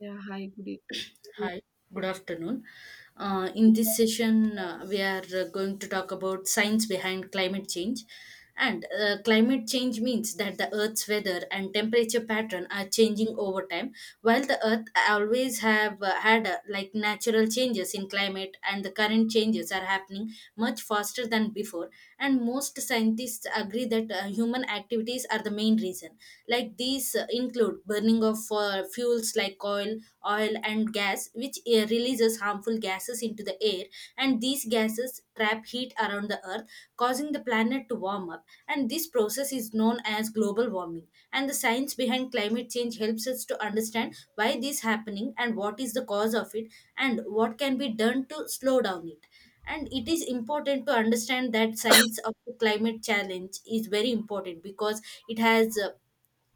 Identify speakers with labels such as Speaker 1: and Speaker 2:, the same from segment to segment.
Speaker 1: Yeah, hi, good evening.
Speaker 2: Hi, good afternoon. In this session, we are going to talk about science behind climate change. And climate change means that the Earth's weather and temperature pattern are changing over time, while the Earth always have had like natural changes in climate, and the current changes are happening much faster than before. And most scientists agree that human activities are the main reason. Like these include burning of fuels like oil and gas, which releases harmful gases into the air. And these gases trap heat around the earth, causing the planet to warm up. And this process is known as global warming. And the science behind climate change helps us to understand why this is happening and what is the cause of it and what can be done to slow down it. And it is important to understand that science of the climate challenge is very important because it has uh,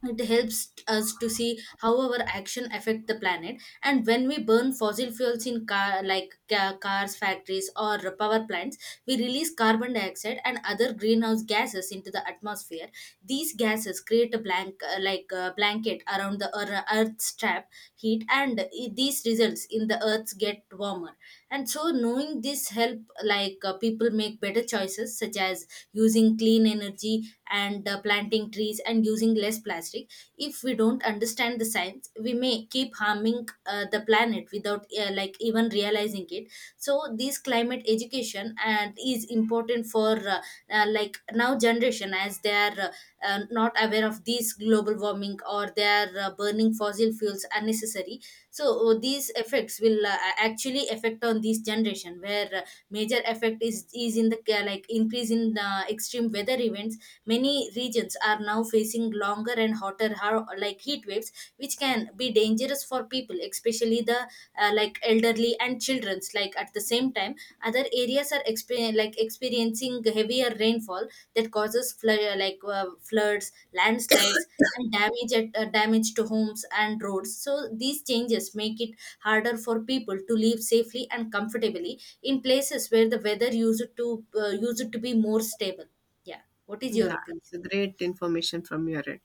Speaker 2: it helps us to see how our action affect the planet. And when we burn fossil fuels in cars, factories, or power plants, we release carbon dioxide and other greenhouse gases into the atmosphere. These gases create a blank like a blanket around the earth's trap heat, and these results in the earth's get warmer. And so knowing this help people make better choices such as using clean energy, and planting trees and using less plastic. If we don't understand the science, we may keep harming the planet without like even realizing it. So this climate education and is important for like now generation, as they are not aware of this global warming, or they are burning fossil fuels unnecessary. So these effects will actually affect on this generation, where major effect is in the like increase in extreme weather events. Many regions are now facing longer and hotter like heat waves, which can be dangerous for people, especially the like elderly and childrens. Like at the same time, other areas are like experiencing heavier rainfall that causes floods, landslides, and damage to homes and roads. So these changes make it harder for people to live safely and comfortably in places where the weather used to be more stable. Yeah, what is your
Speaker 1: Yeah,
Speaker 2: opinion?
Speaker 1: it's a great information from your end.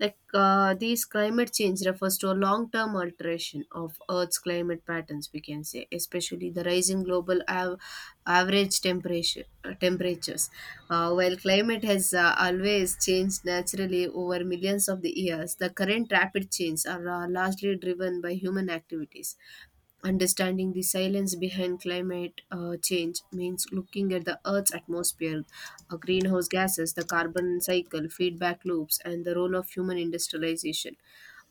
Speaker 1: These climate change refers to a long-term alteration of Earth's climate patterns, we can say, especially the rising global average temperatures. While climate has always changed naturally over millions of the years, the current rapid changes are largely driven by human activities. Understanding the silence behind climate change means looking at the Earth's atmosphere, greenhouse gases, the carbon cycle, feedback loops, and the role of human industrialization.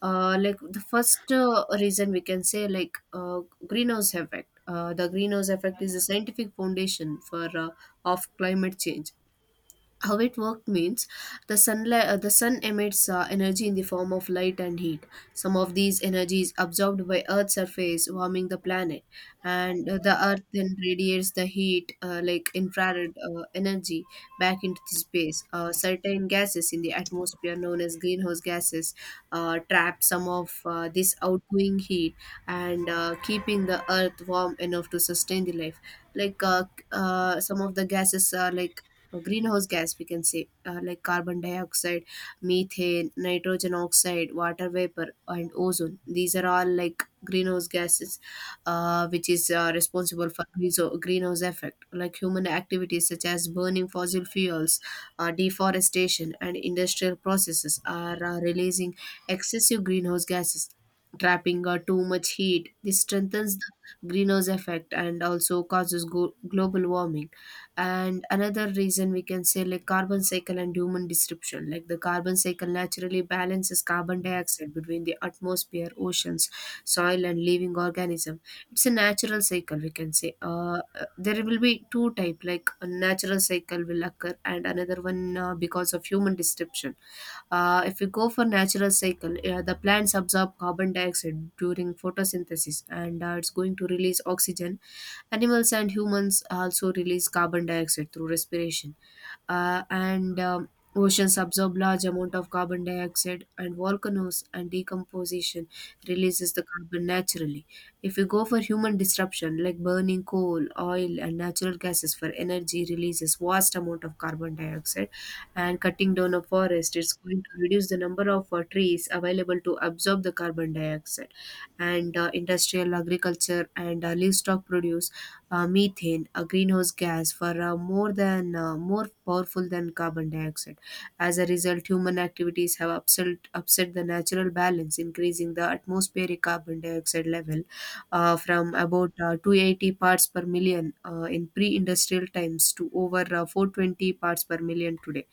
Speaker 1: The first reason we can say, greenhouse effect. The greenhouse effect is the scientific foundation for of climate change, how it worked means the sunlight the sun emits energy in the form of light and heat. Some of these energies absorbed by earth's surface, warming the planet, and the earth then radiates the heat, like infrared energy back into the space. Certain gases in the atmosphere known as greenhouse gases trap some of this outgoing heat and keeping the earth warm enough to sustain the life. like uh, some of the gases are greenhouse gas, we can say, like carbon dioxide, methane, nitrogen oxide, water vapor and ozone. These are all like greenhouse gases which is responsible for greenhouse effect. Like human activities such as burning fossil fuels, deforestation and industrial processes are releasing excessive greenhouse gases, trapping too much heat. This strengthens the greenhouse effect and also causes global warming. And another reason we can say, like carbon cycle and human disruption. Like the carbon cycle naturally balances carbon dioxide between the atmosphere, oceans, soil and living organism. It's a natural cycle, we can say. There will be two type, like a natural cycle will occur and another one because of human disruption. If we go for natural cycle, the plants absorb carbon dioxide during photosynthesis, and it's going to release oxygen. Animals and humans also release carbon dioxide through respiration, and oceans absorb large amount of carbon dioxide, and volcanoes and decomposition releases the carbon naturally. If we go for human disruption, like burning coal, oil, and natural gases for energy, releases vast amount of carbon dioxide, and cutting down a forest, it's going to reduce the number of trees available to absorb the carbon dioxide. And industrial agriculture and livestock produce methane, a greenhouse gas, for more than more powerful than carbon dioxide. As a result, human activities have upset the natural balance, increasing the atmospheric carbon dioxide level from about 280 parts per million in pre-industrial times to over 420 parts per million today.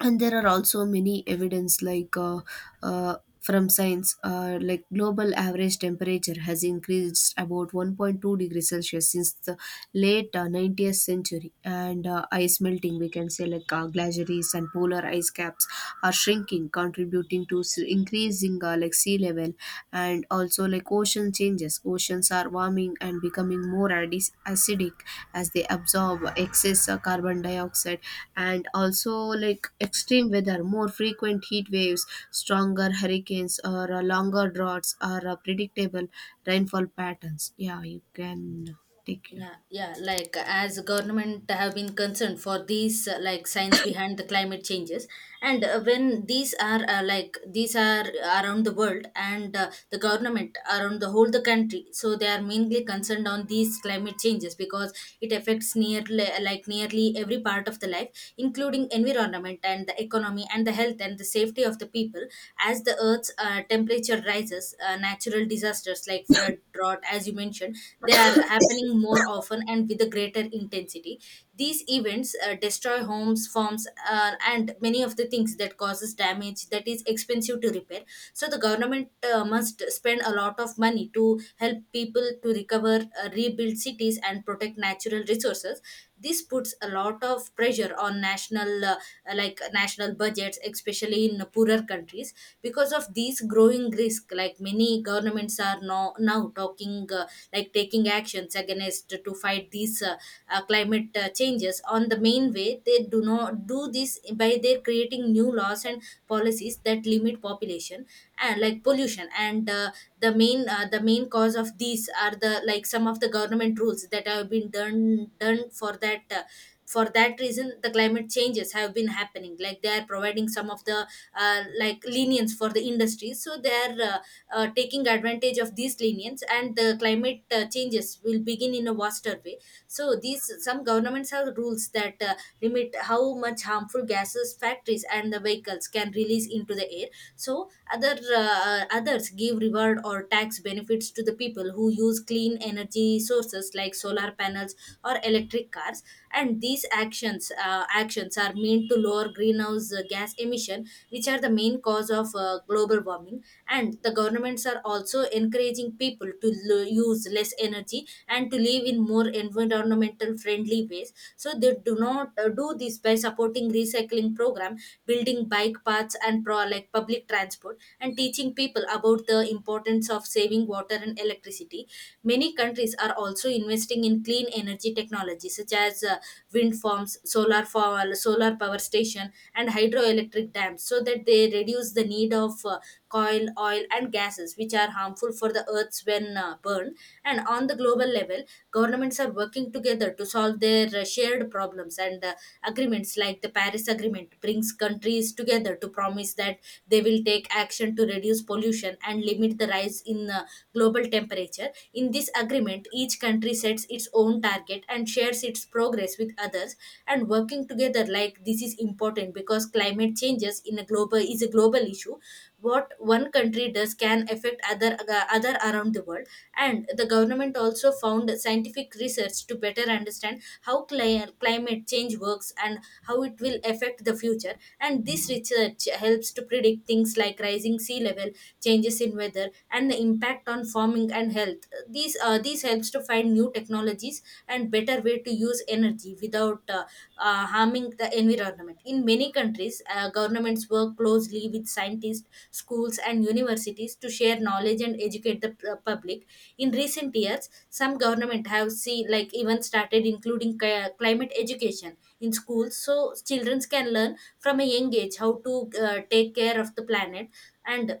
Speaker 1: And there are also many evidence, from science, like global average temperature has increased about 1.2 degrees celsius since the late 20th century. And ice melting, we can say, like glaciers and polar ice caps are shrinking, contributing to increasing like sea level. And also like ocean changes, oceans are warming and becoming more acidic as they absorb excess carbon dioxide. And also like extreme weather, more frequent heat waves, stronger hurricanes, or longer droughts are predictable. Rainfall patterns, yeah, you can take your.
Speaker 2: Yeah, like as government have been concerned for these like science behind the climate changes. And when these are like these are around the world, and the government around the whole the country, so they are mainly concerned on these climate changes because it affects nearly like nearly every part of the life including environment and the economy and the health and the safety of the people. As the earth's temperature rises, natural disasters like flood, drought, as you mentioned, they are happening more often and with a greater intensity. These events destroy homes, farms, and many of the things that causes damage that is expensive to repair. So the government must spend a lot of money to help people to recover, rebuild cities, and protect natural resources. This puts a lot of pressure on national like national budgets, especially in poorer countries. Because of these growing risk, like many governments are now talking like taking actions against to fight these climate changes on the main way. They do not do this by their creating new laws and policies that limit population and like pollution, and the main cause of these are the like some of the government rules that have been done for that reason. The climate changes have been happening, like they are providing some of the like lenience for the industry. So they are taking advantage of these lenience, and the climate changes will begin in a vaster way. So these some governments have rules that limit how much harmful gases factories and the vehicles can release into the air. So others give reward or tax benefits to the people who use clean energy sources like solar panels or electric cars. And these actions are meant to lower greenhouse gas emission, which are the main cause of global warming. And the governments are also encouraging people to use less energy and to live in more environmental friendly ways. So they do not do this by supporting recycling program, building bike paths and pro like public transport, and teaching people about the importance of saving water and electricity. Many countries are also investing in clean energy technology such as wind farms, solar power station, and hydroelectric dams, so that they reduce the need of coal, oil, and gases, which are harmful for the earths when burned. And on the global level, governments are working together to solve their shared problems. And agreements like the Paris agreement brings countries together to promise that they will take action to reduce pollution and limit the rise in global temperature. In this agreement, each country sets its own target and shares its progress with others, and working together like this is important because climate changes in a global is a global issue. What one country does can affect other around the world. And the government also found scientific research to better understand how climate change works and how it will affect the future. And this research helps to predict things like rising sea level, changes in weather, and the impact on farming and health. These helps to find new technologies and better way to use energy without harming the environment. In many countries, governments work closely with scientists, schools, and universities to share knowledge and educate the public. In recent years, some government have see like even started including climate education in schools, so children can learn from a young age how to take care of the planet. And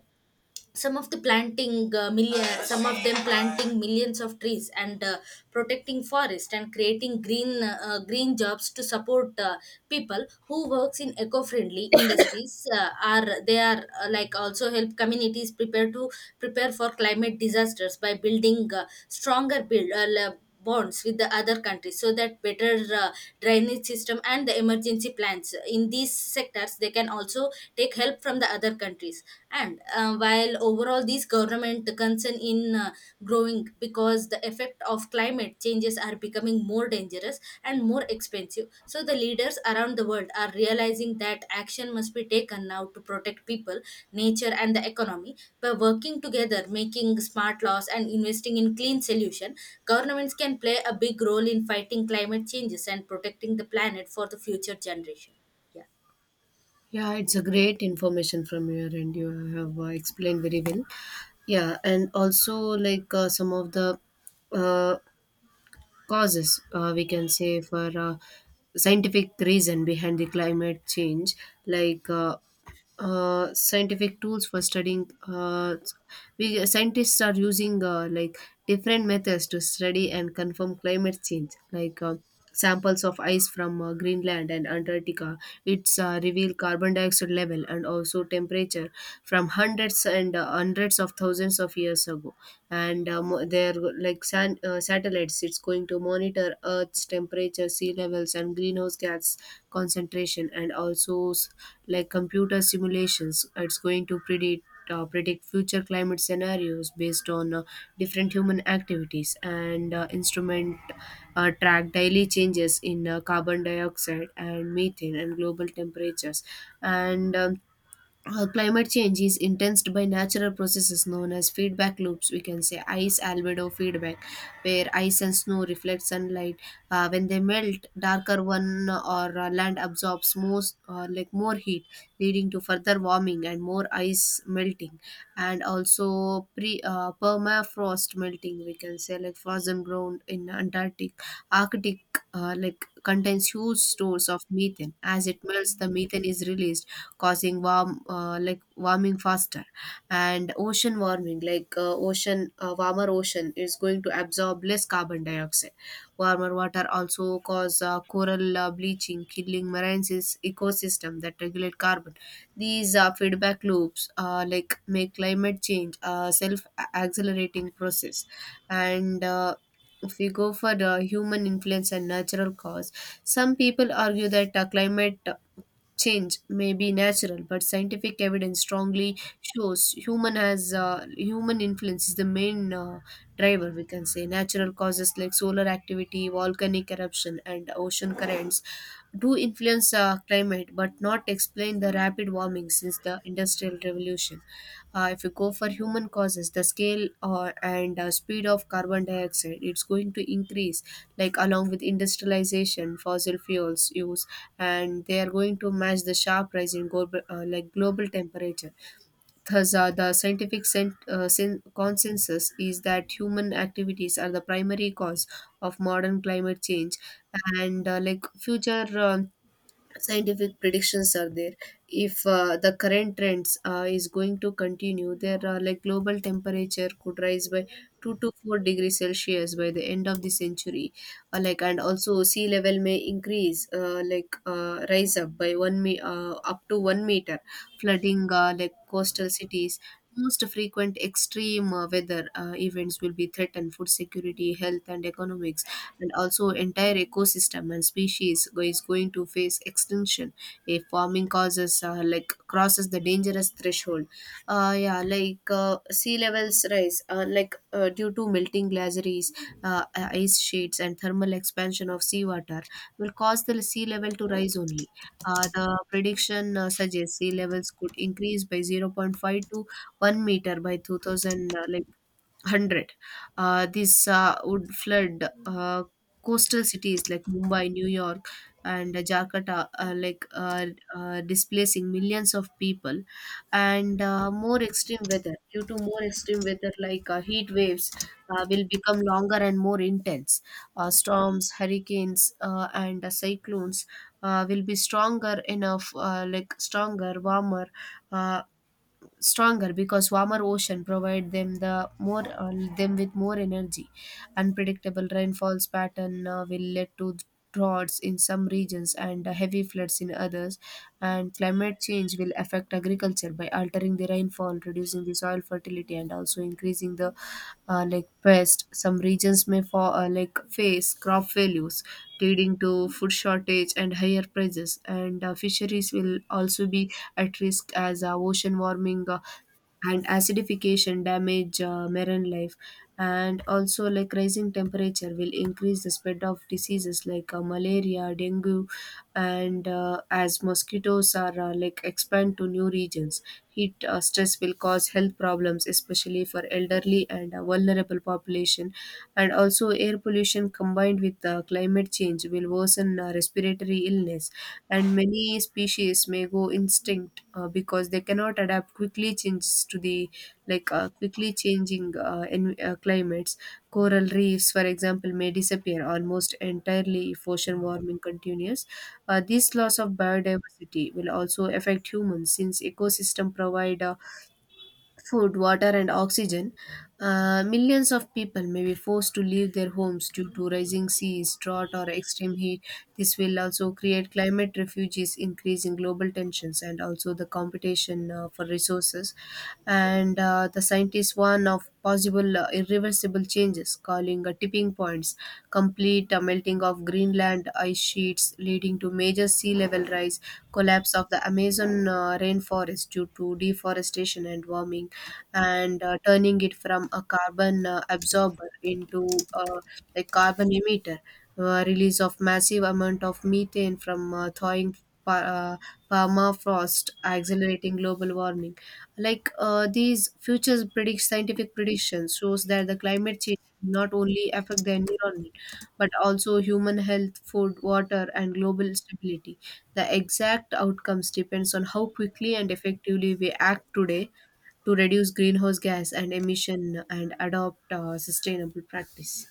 Speaker 2: some of the planting million some of them planting millions of trees and protecting forest, and creating green jobs to support people who works in eco-friendly industries are they are like also help communities prepare for climate disasters by building bonds with the other countries, so that better drainage system and the emergency plans in these sectors, they can also take help from the other countries. And while overall these government concern in growing because the effect of climate changes are becoming more dangerous and more expensive, so the leaders around the world are realizing that action must be taken now to protect people, nature, and the economy. By working together, making smart laws, and investing in clean solution, governments can play a big role in fighting climate changes and protecting the planet for the future generation. Yeah.
Speaker 1: Yeah, it's a great information from your end. You have explained very well. Yeah, and also some of the uh, causes, we can say, for scientific reason behind the climate change, like uh, scientific tools for studying we Scientists are using, like different methods to study and confirm climate change, samples of ice from Greenland and Antarctica. It's reveal carbon dioxide level and also temperature from hundreds and hundreds of thousands of years ago. And they're like, satellites, it's going to monitor earth's temperature, sea levels and greenhouse gas concentration. And also like computer simulations, it's going to predict future climate scenarios based on different human activities. And instrument track daily changes in carbon dioxide and methane and global temperatures. And Climate change is intensed by natural processes known as feedback loops. We can say ice albedo feedback, where ice and snow reflect sunlight. When they melt, darker one or land absorbs most like more heat, leading to further warming and more ice melting. And also pre permafrost melting, we can say, like frozen ground in antarctic arctic like contains huge stores of methane. As it melts, the methane is released, causing warm like warming faster. And ocean warming, like ocean warmer ocean is going to absorb less carbon dioxide. Warmer water also cause coral bleaching, killing marine ecosystem that regulate carbon. These feedback loops like make climate change a self accelerating process. And If we go for the human influence and natural cause, some people argue that climate change may be natural, but scientific evidence strongly shows human influence is the main driver. We can say natural causes like solar activity, volcanic eruption, and ocean currents do influence climate, but not explain the rapid warming since the industrial revolution. If you go for human causes, the scale and speed of carbon dioxide, it's going to increase, like along with industrialization, fossil fuels use, and they are going to match the sharp rise in global temperature. Thus, the scientific consensus is that human activities are the primary cause of modern climate change. And like future. Scientific predictions are there. If the current trends is going to continue, there are like global temperature could rise by 2 to 4 degrees celsius by the end of the century. And also sea level may increase, rise up by up to 1 meter, flooding like coastal cities. Most frequent extreme weather events will be threatened, food security, health and economics, and also entire ecosystem and species is going to face extinction if farming causes like crosses the dangerous threshold. Yeah, sea levels rise, due to melting glaciers, ice sheets and thermal expansion of seawater will cause the sea level to rise only. The prediction suggests sea levels could increase by zero point 0.5 to 1 meter by 2000 like 100. This would flood coastal cities like Mumbai, New York, and Jakarta, are like are displacing millions of people. And more extreme weather due to more extreme weather like heat waves will become longer and more intense. Storms, hurricanes, and cyclones will be stronger enough, like stronger, warmer. Uh, stronger because warmer ocean provide them with more energy. Unpredictable rainfalls pattern will lead to droughts in some regions and heavy floods in others. And climate change will affect agriculture by altering the rainfall, reducing the soil fertility, and also increasing the like pest. Some regions may fall, face crop failures, leading to food shortage and higher prices. And fisheries will also be at risk as ocean warming and acidification damage marine life. And also like rising temperature will increase the spread of diseases like malaria, dengue, and as mosquitoes are like expand to new regions. Heat stress will cause health problems, especially for elderly and vulnerable population. And also air pollution combined with climate change will worsen respiratory illness. And many species may go extinct because they cannot adapt quickly changes to the quickly changing climates. Coral reefs, for example, may disappear almost entirely if ocean warming continues. This loss of biodiversity will also affect humans since ecosystem provide a food, water, and oxygen. Millions of people may be forced to leave their homes due to rising seas, drought, or extreme heat. This will also create climate refugees, increasing global tensions and also the competition for resources. And the scientists warn of possible irreversible changes, calling tipping points, complete melting of Greenland ice sheets, leading to major sea level rise, collapse of the Amazon rainforest due to deforestation and warming, and turning it from a carbon absorber into a carbon emitter. Release of massive amount of methane from thawing pa- uh, permafrost, accelerating global warming. Like these futures predict scientific predictions shows that the climate change not only affect the environment but also human health, food, water, and global stability. The exact outcomes depends on how quickly and effectively we act today to reduce greenhouse gas and emission and adopt sustainable practice.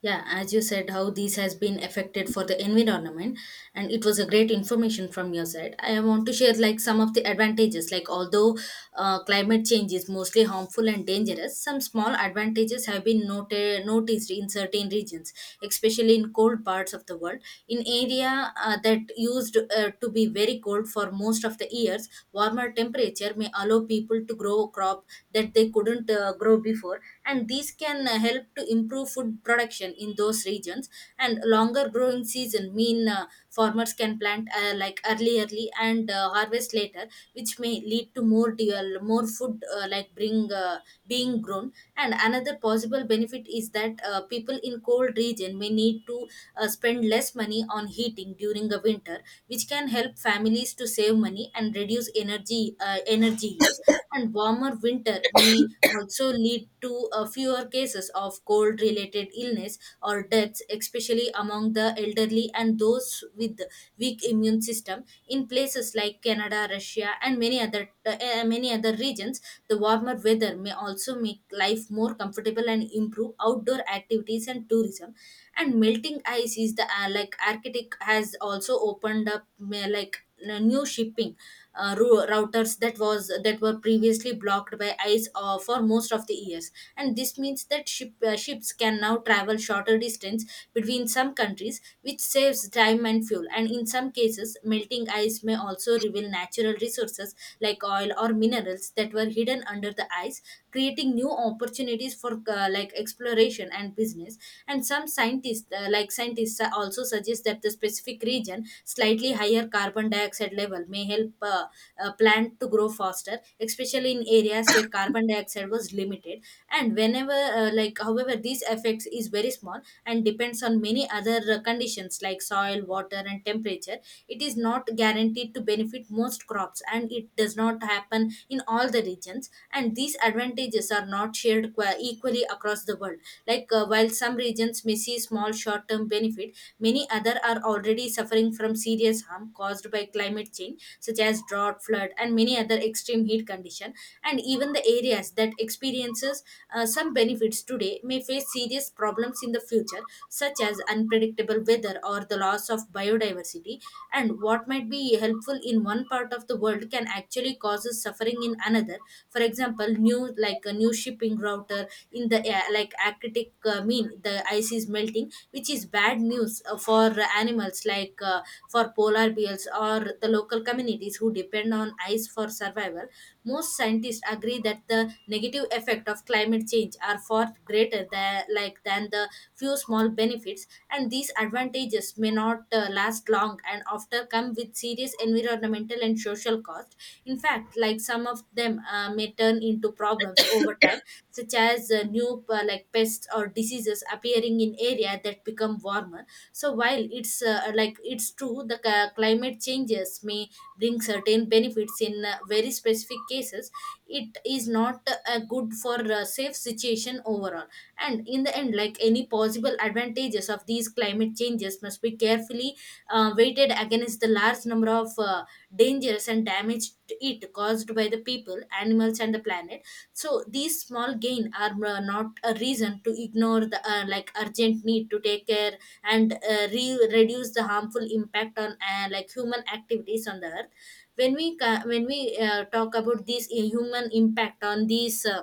Speaker 2: Yeah, as you said, how this has been affected for the environment, and it was a great information from your side. I want to share like some of the advantages. Like although climate change is mostly harmful and dangerous, some small advantages have been noted noticed in certain regions, especially in cold parts of the world. In area that used to be very cold for most of the years, warmer temperatures agriculture may allow people to grow crop that they couldn't grow before, and these can help to improve food production in those regions, and longer growing season mean farmers can plant like early and harvest later, which may lead to more deal, more food like bring being grown. And another possible benefit is that people in cold region may need to spend less money on heating during the winter, which can help families to save money and reduce energy use. And warmer winter may also lead to fewer cases of cold related illness or deaths, especially among the elderly and those with weak immune system in places like Canada, Russia, and many other regions. The warmer weather may also make life more comfortable and improve outdoor activities and tourism. And melting ice is the like Arctic has also opened up like new shipping routers that were previously blocked by ice for most of the years. And this means that ships can now travel shorter distance between some countries, which saves time and fuel. And in some cases, melting ice may also reveal natural resources like oil or minerals that were hidden under the ice, creating new opportunities for exploration and business. And some scientists also suggest that the specific region slightly higher carbon dioxide level may help plant to grow faster, especially in areas where carbon dioxide was limited. And whenever like however, these effects is very small and depends on many other conditions like soil, water, and temperature. It is not guaranteed to benefit most crops, and it does not happen in all the regions, and these advantages are not shared equally across the world. While some regions may see small short term benefit, many other are already suffering from serious harm caused by climate change, such as drought, flood, and many other extreme heat condition. And even the areas that experiences some benefits today may face serious problems in the future, such as unpredictable weather or the loss of biodiversity. And what might be helpful in one part of the world can actually cause suffering in another. For example, new like a new shipping router in the air like Arctic mean the ice is melting, which is bad news for animals like for polar bears or the local communities who depend on ice for survival. Most scientists agree that the negative effect of climate change are far greater than the few small benefits, and these advantages may not last long and often come with serious environmental and social cost. In fact, like some of them may turn into problems over time, such as new pests or diseases appearing in area that become warmer. So while it's true the climate changes may bring certain benefits in very specific cases, it is not good for a safe situation overall. And in the end, like any possible advantages of these climate changes must be carefully weighted against the large number of dangers and damage to it caused by the people, animals, and the planet. So these small gain are not a reason to ignore the urgent need to take care and reduce the harmful impact on human activities on the earth. When we ca- when we talk about this human impact on these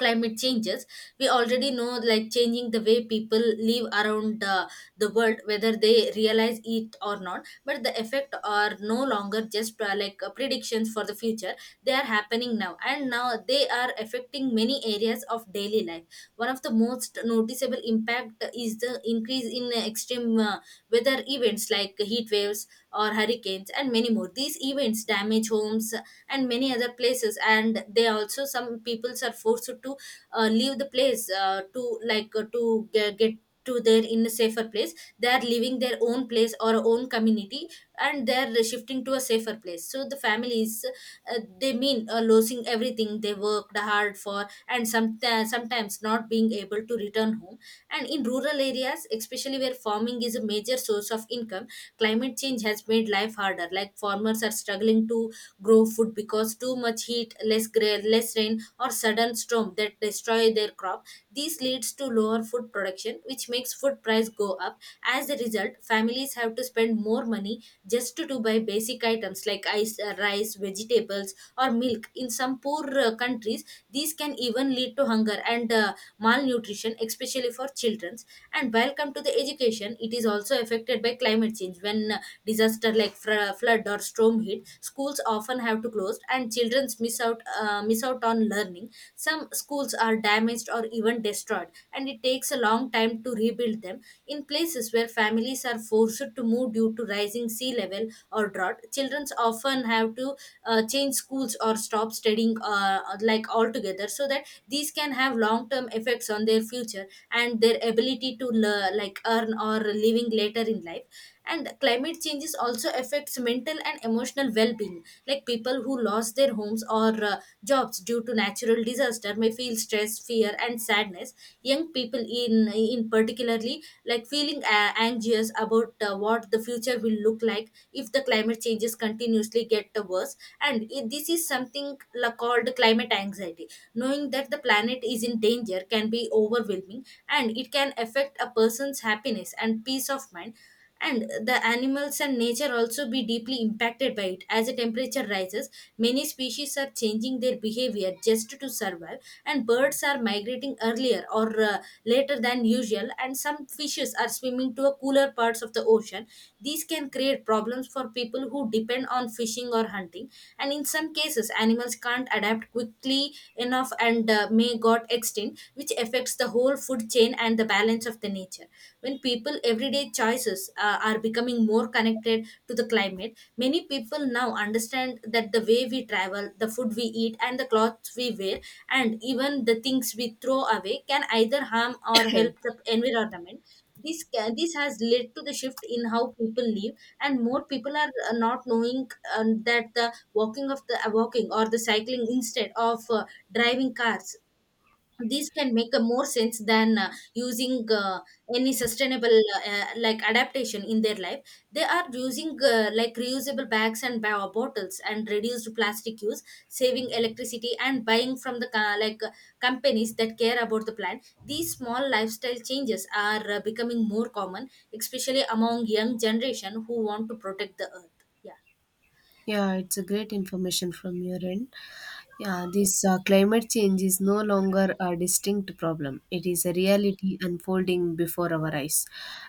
Speaker 2: climate changes, we already know like changing the way people live around the world, whether they realize it or not, but the effect are no longer just predictions for the future. They are happening now, and now they are affecting many areas of daily life. One of the most noticeable impact is the increase in extreme weather events like heat waves or hurricanes and many more. These events damage homes and many other places, and they also some peoples are forced to leave the place to get to their in a safer place. They are leaving their own place or own community, and they are shifting to a safer place. So the families they mean losing everything they worked hard for, and some sometimes not being able to return home. And in rural areas, especially where farming is a major source of income, climate change has made life harder. Like farmers are struggling to grow food because too much heat, less rain, or sudden storm that destroy their crop. This leads to lower food production, which makes food price go up. As a result, families have to spend more money just to buy basic items like rice, vegetables, or milk. In some poor countries, these can even lead to hunger and malnutrition, especially for children. And while come to the education, it is also affected by climate change. When disaster like flood or storm hit, schools often have to close, and children miss out on learning. Some schools are damaged or even destroyed, and it takes a long time to rebuild them. In places where families are forced to move due to rising sea level or drought, children often have to change schools or stop studying altogether, so that these can have long term effects on their future and their ability to earn or living later in life. And climate changes also affects mental and emotional well-being. Like people who lost their homes or jobs due to natural disaster may feel stress, fear, and sadness. Young people in particularly like feeling anxious about what the future will look like if the climate changes continuously get worse, and this is something called climate anxiety. Knowing that the planet is in danger can be overwhelming, and it can affect a person's happiness and peace of mind. And the animals and nature also be deeply impacted by it. As the temperature rises, many species are changing their behavior just to survive, and birds are migrating earlier or later than usual, and some fishes are swimming to cooler parts of the ocean. These can create problems for people who depend on fishing or hunting, and in some cases animals can't adapt quickly enough, and may got extinct, which affects the whole food chain and the balance of the nature. When people everyday choices are becoming more connected to the climate, many people now understand that the way we travel, the food we eat, and the clothes we wear, and even the things we throw away can either harm or help the environment. This has led to the shift in how people live, and more people are not knowing that the walking of the walking or the cycling instead of driving cars, these can make a more sense than using any sustainable adaptation in their life. They are using reusable bags and bio bottles, and reduced plastic use, saving electricity, and buying from the companies that care about the planet. These small lifestyle changes are becoming more common, especially among young generation who want to protect the earth. Yeah.
Speaker 1: Yeah, it's a great information from your end. Yeah, this climate change is no longer a distinct problem. It is a reality unfolding before our eyes.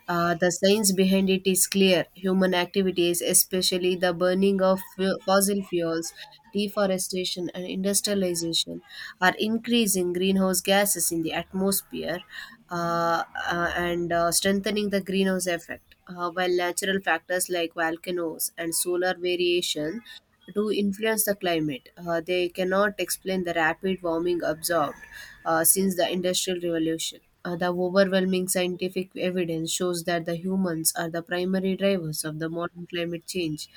Speaker 1: The science behind it is clear. Human activities, especially the burning of fossil fuels, deforestation, and industrialization, are increasing greenhouse gases in the atmosphere uh, and strengthening the greenhouse effect. While natural factors like volcanoes and solar variation to influence the climate. They cannot explain the rapid warming observed since the Industrial Revolution. The overwhelming scientific evidence shows that the humans are the primary drivers of the modern climate change,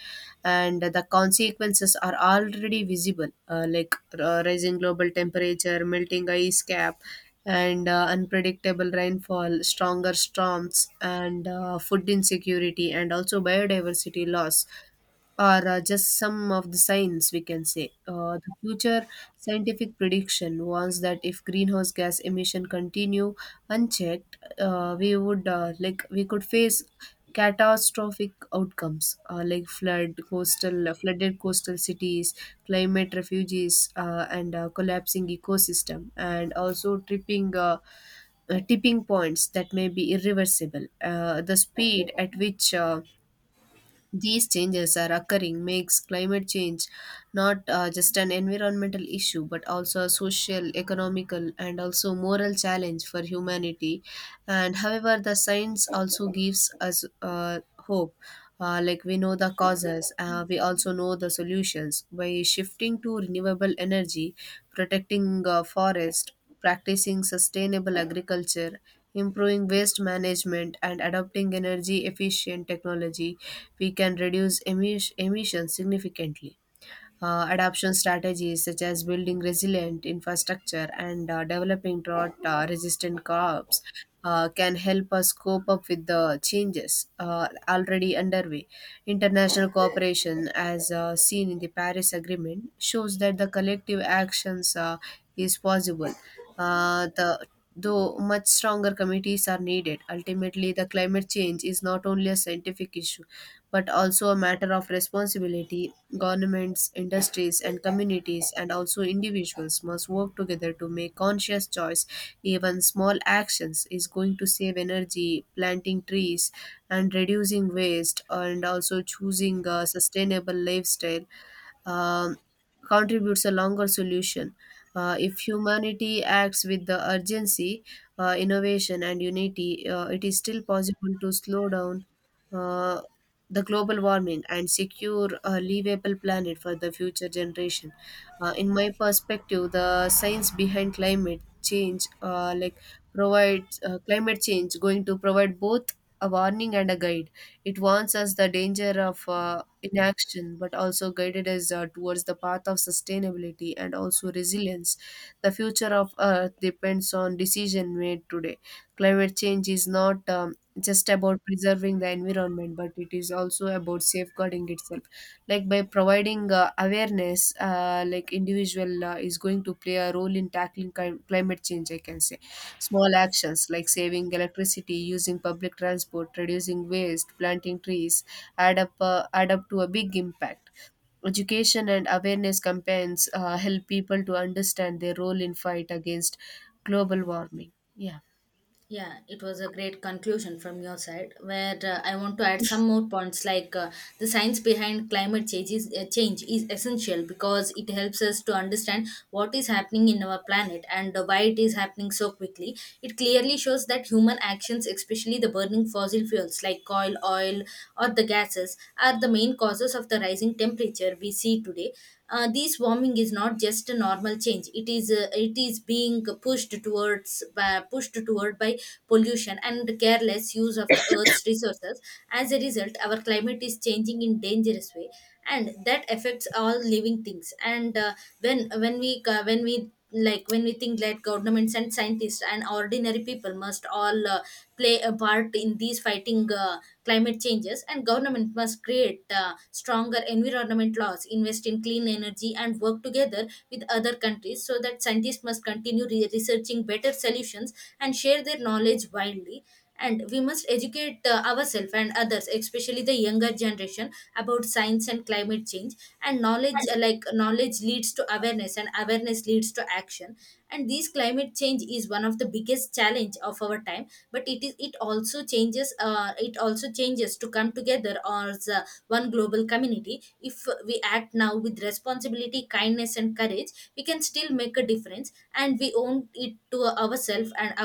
Speaker 1: and the consequences are already visible, rising global temperature, melting ice cap, and unpredictable rainfall, stronger storms, and food insecurity, and also biodiversity loss are just some of the signs we can say. The future scientific prediction warns that if greenhouse gas emission continue unchecked, we would we could face catastrophic outcomes like flood, coastal flooded coastal cities, climate refugees, and collapsing ecosystem, and also tripping. Tipping points that may be irreversible. The speed at which these changes are occurring makes climate change not just an environmental issue but also a social economical and also moral challenge for humanity and however the science also gives us hope. We know the causes, we also know the solutions by shifting to renewable energy, protecting forest, practicing sustainable agriculture, improving waste management, and adopting energy efficient technology. We can reduce emissions significantly. Adoption strategies such as building resilient infrastructure and developing drought resistant crops can help us cope up with the changes already underway. International cooperation, as seen in the Paris Agreement, shows that the collective actions is possible. The though much stronger committees are needed, ultimately the climate change is not only a scientific issue but also a matter of responsibility. Governments, industries, and communities, and also individuals, must work together to make conscious choice. Even small actions is going to save energy, planting trees, and reducing waste, and also choosing a sustainable lifestyle. Um, Contributes a longer solution. If humanity acts with the urgency, innovation, and unity, it is still possible to slow down uh, the global warming and secure a livable planet for the future generation. In my perspective, the science behind climate change, provides climate change, going to provide both a warning and a guide. It warns us the danger of inaction, but also guided us towards the path of sustainability and also resilience. The future of Earth depends on decision made today. Climate change is not just about preserving the environment, but it is also about safeguarding itself. Like by providing awareness, individual is going to play a role in tackling climate change, I can say small actions like saving electricity, using public transport, reducing waste, planting trees add up to a big impact. Education and awareness campaigns help people to understand their role in fight against global warming, yeah.
Speaker 2: Yeah, it was a great conclusion from your side. Where I want to add some more points, like the science behind change is essential because it helps us to understand what is happening in our planet and why it is happening so quickly. It clearly shows that human actions, especially the burning fossil fuels like coal, oil, or the gases, are the main causes of the rising temperature we see today. This warming is not just a normal change; it is being pushed towards involved by pollution and careless use of the earth's resources. As a result, our climate is changing in dangerous way, and that affects all living things. And when we think that governments and scientists and ordinary people must all play a part in these fighting climate changes. And government must create stronger environment laws, invest in clean energy, and work together with other countries, so that scientists must continue researching better solutions and share their knowledge widely. And we must educate ourselves and others, especially the younger generation, about science and climate change. And knowledge leads to awareness, and awareness leads to action. And this climate change is one of the biggest challenge of our time, but it also changes to come together as one global community. If we act now with responsibility, kindness, and courage, we can still make a difference, and we own it to ourselves and our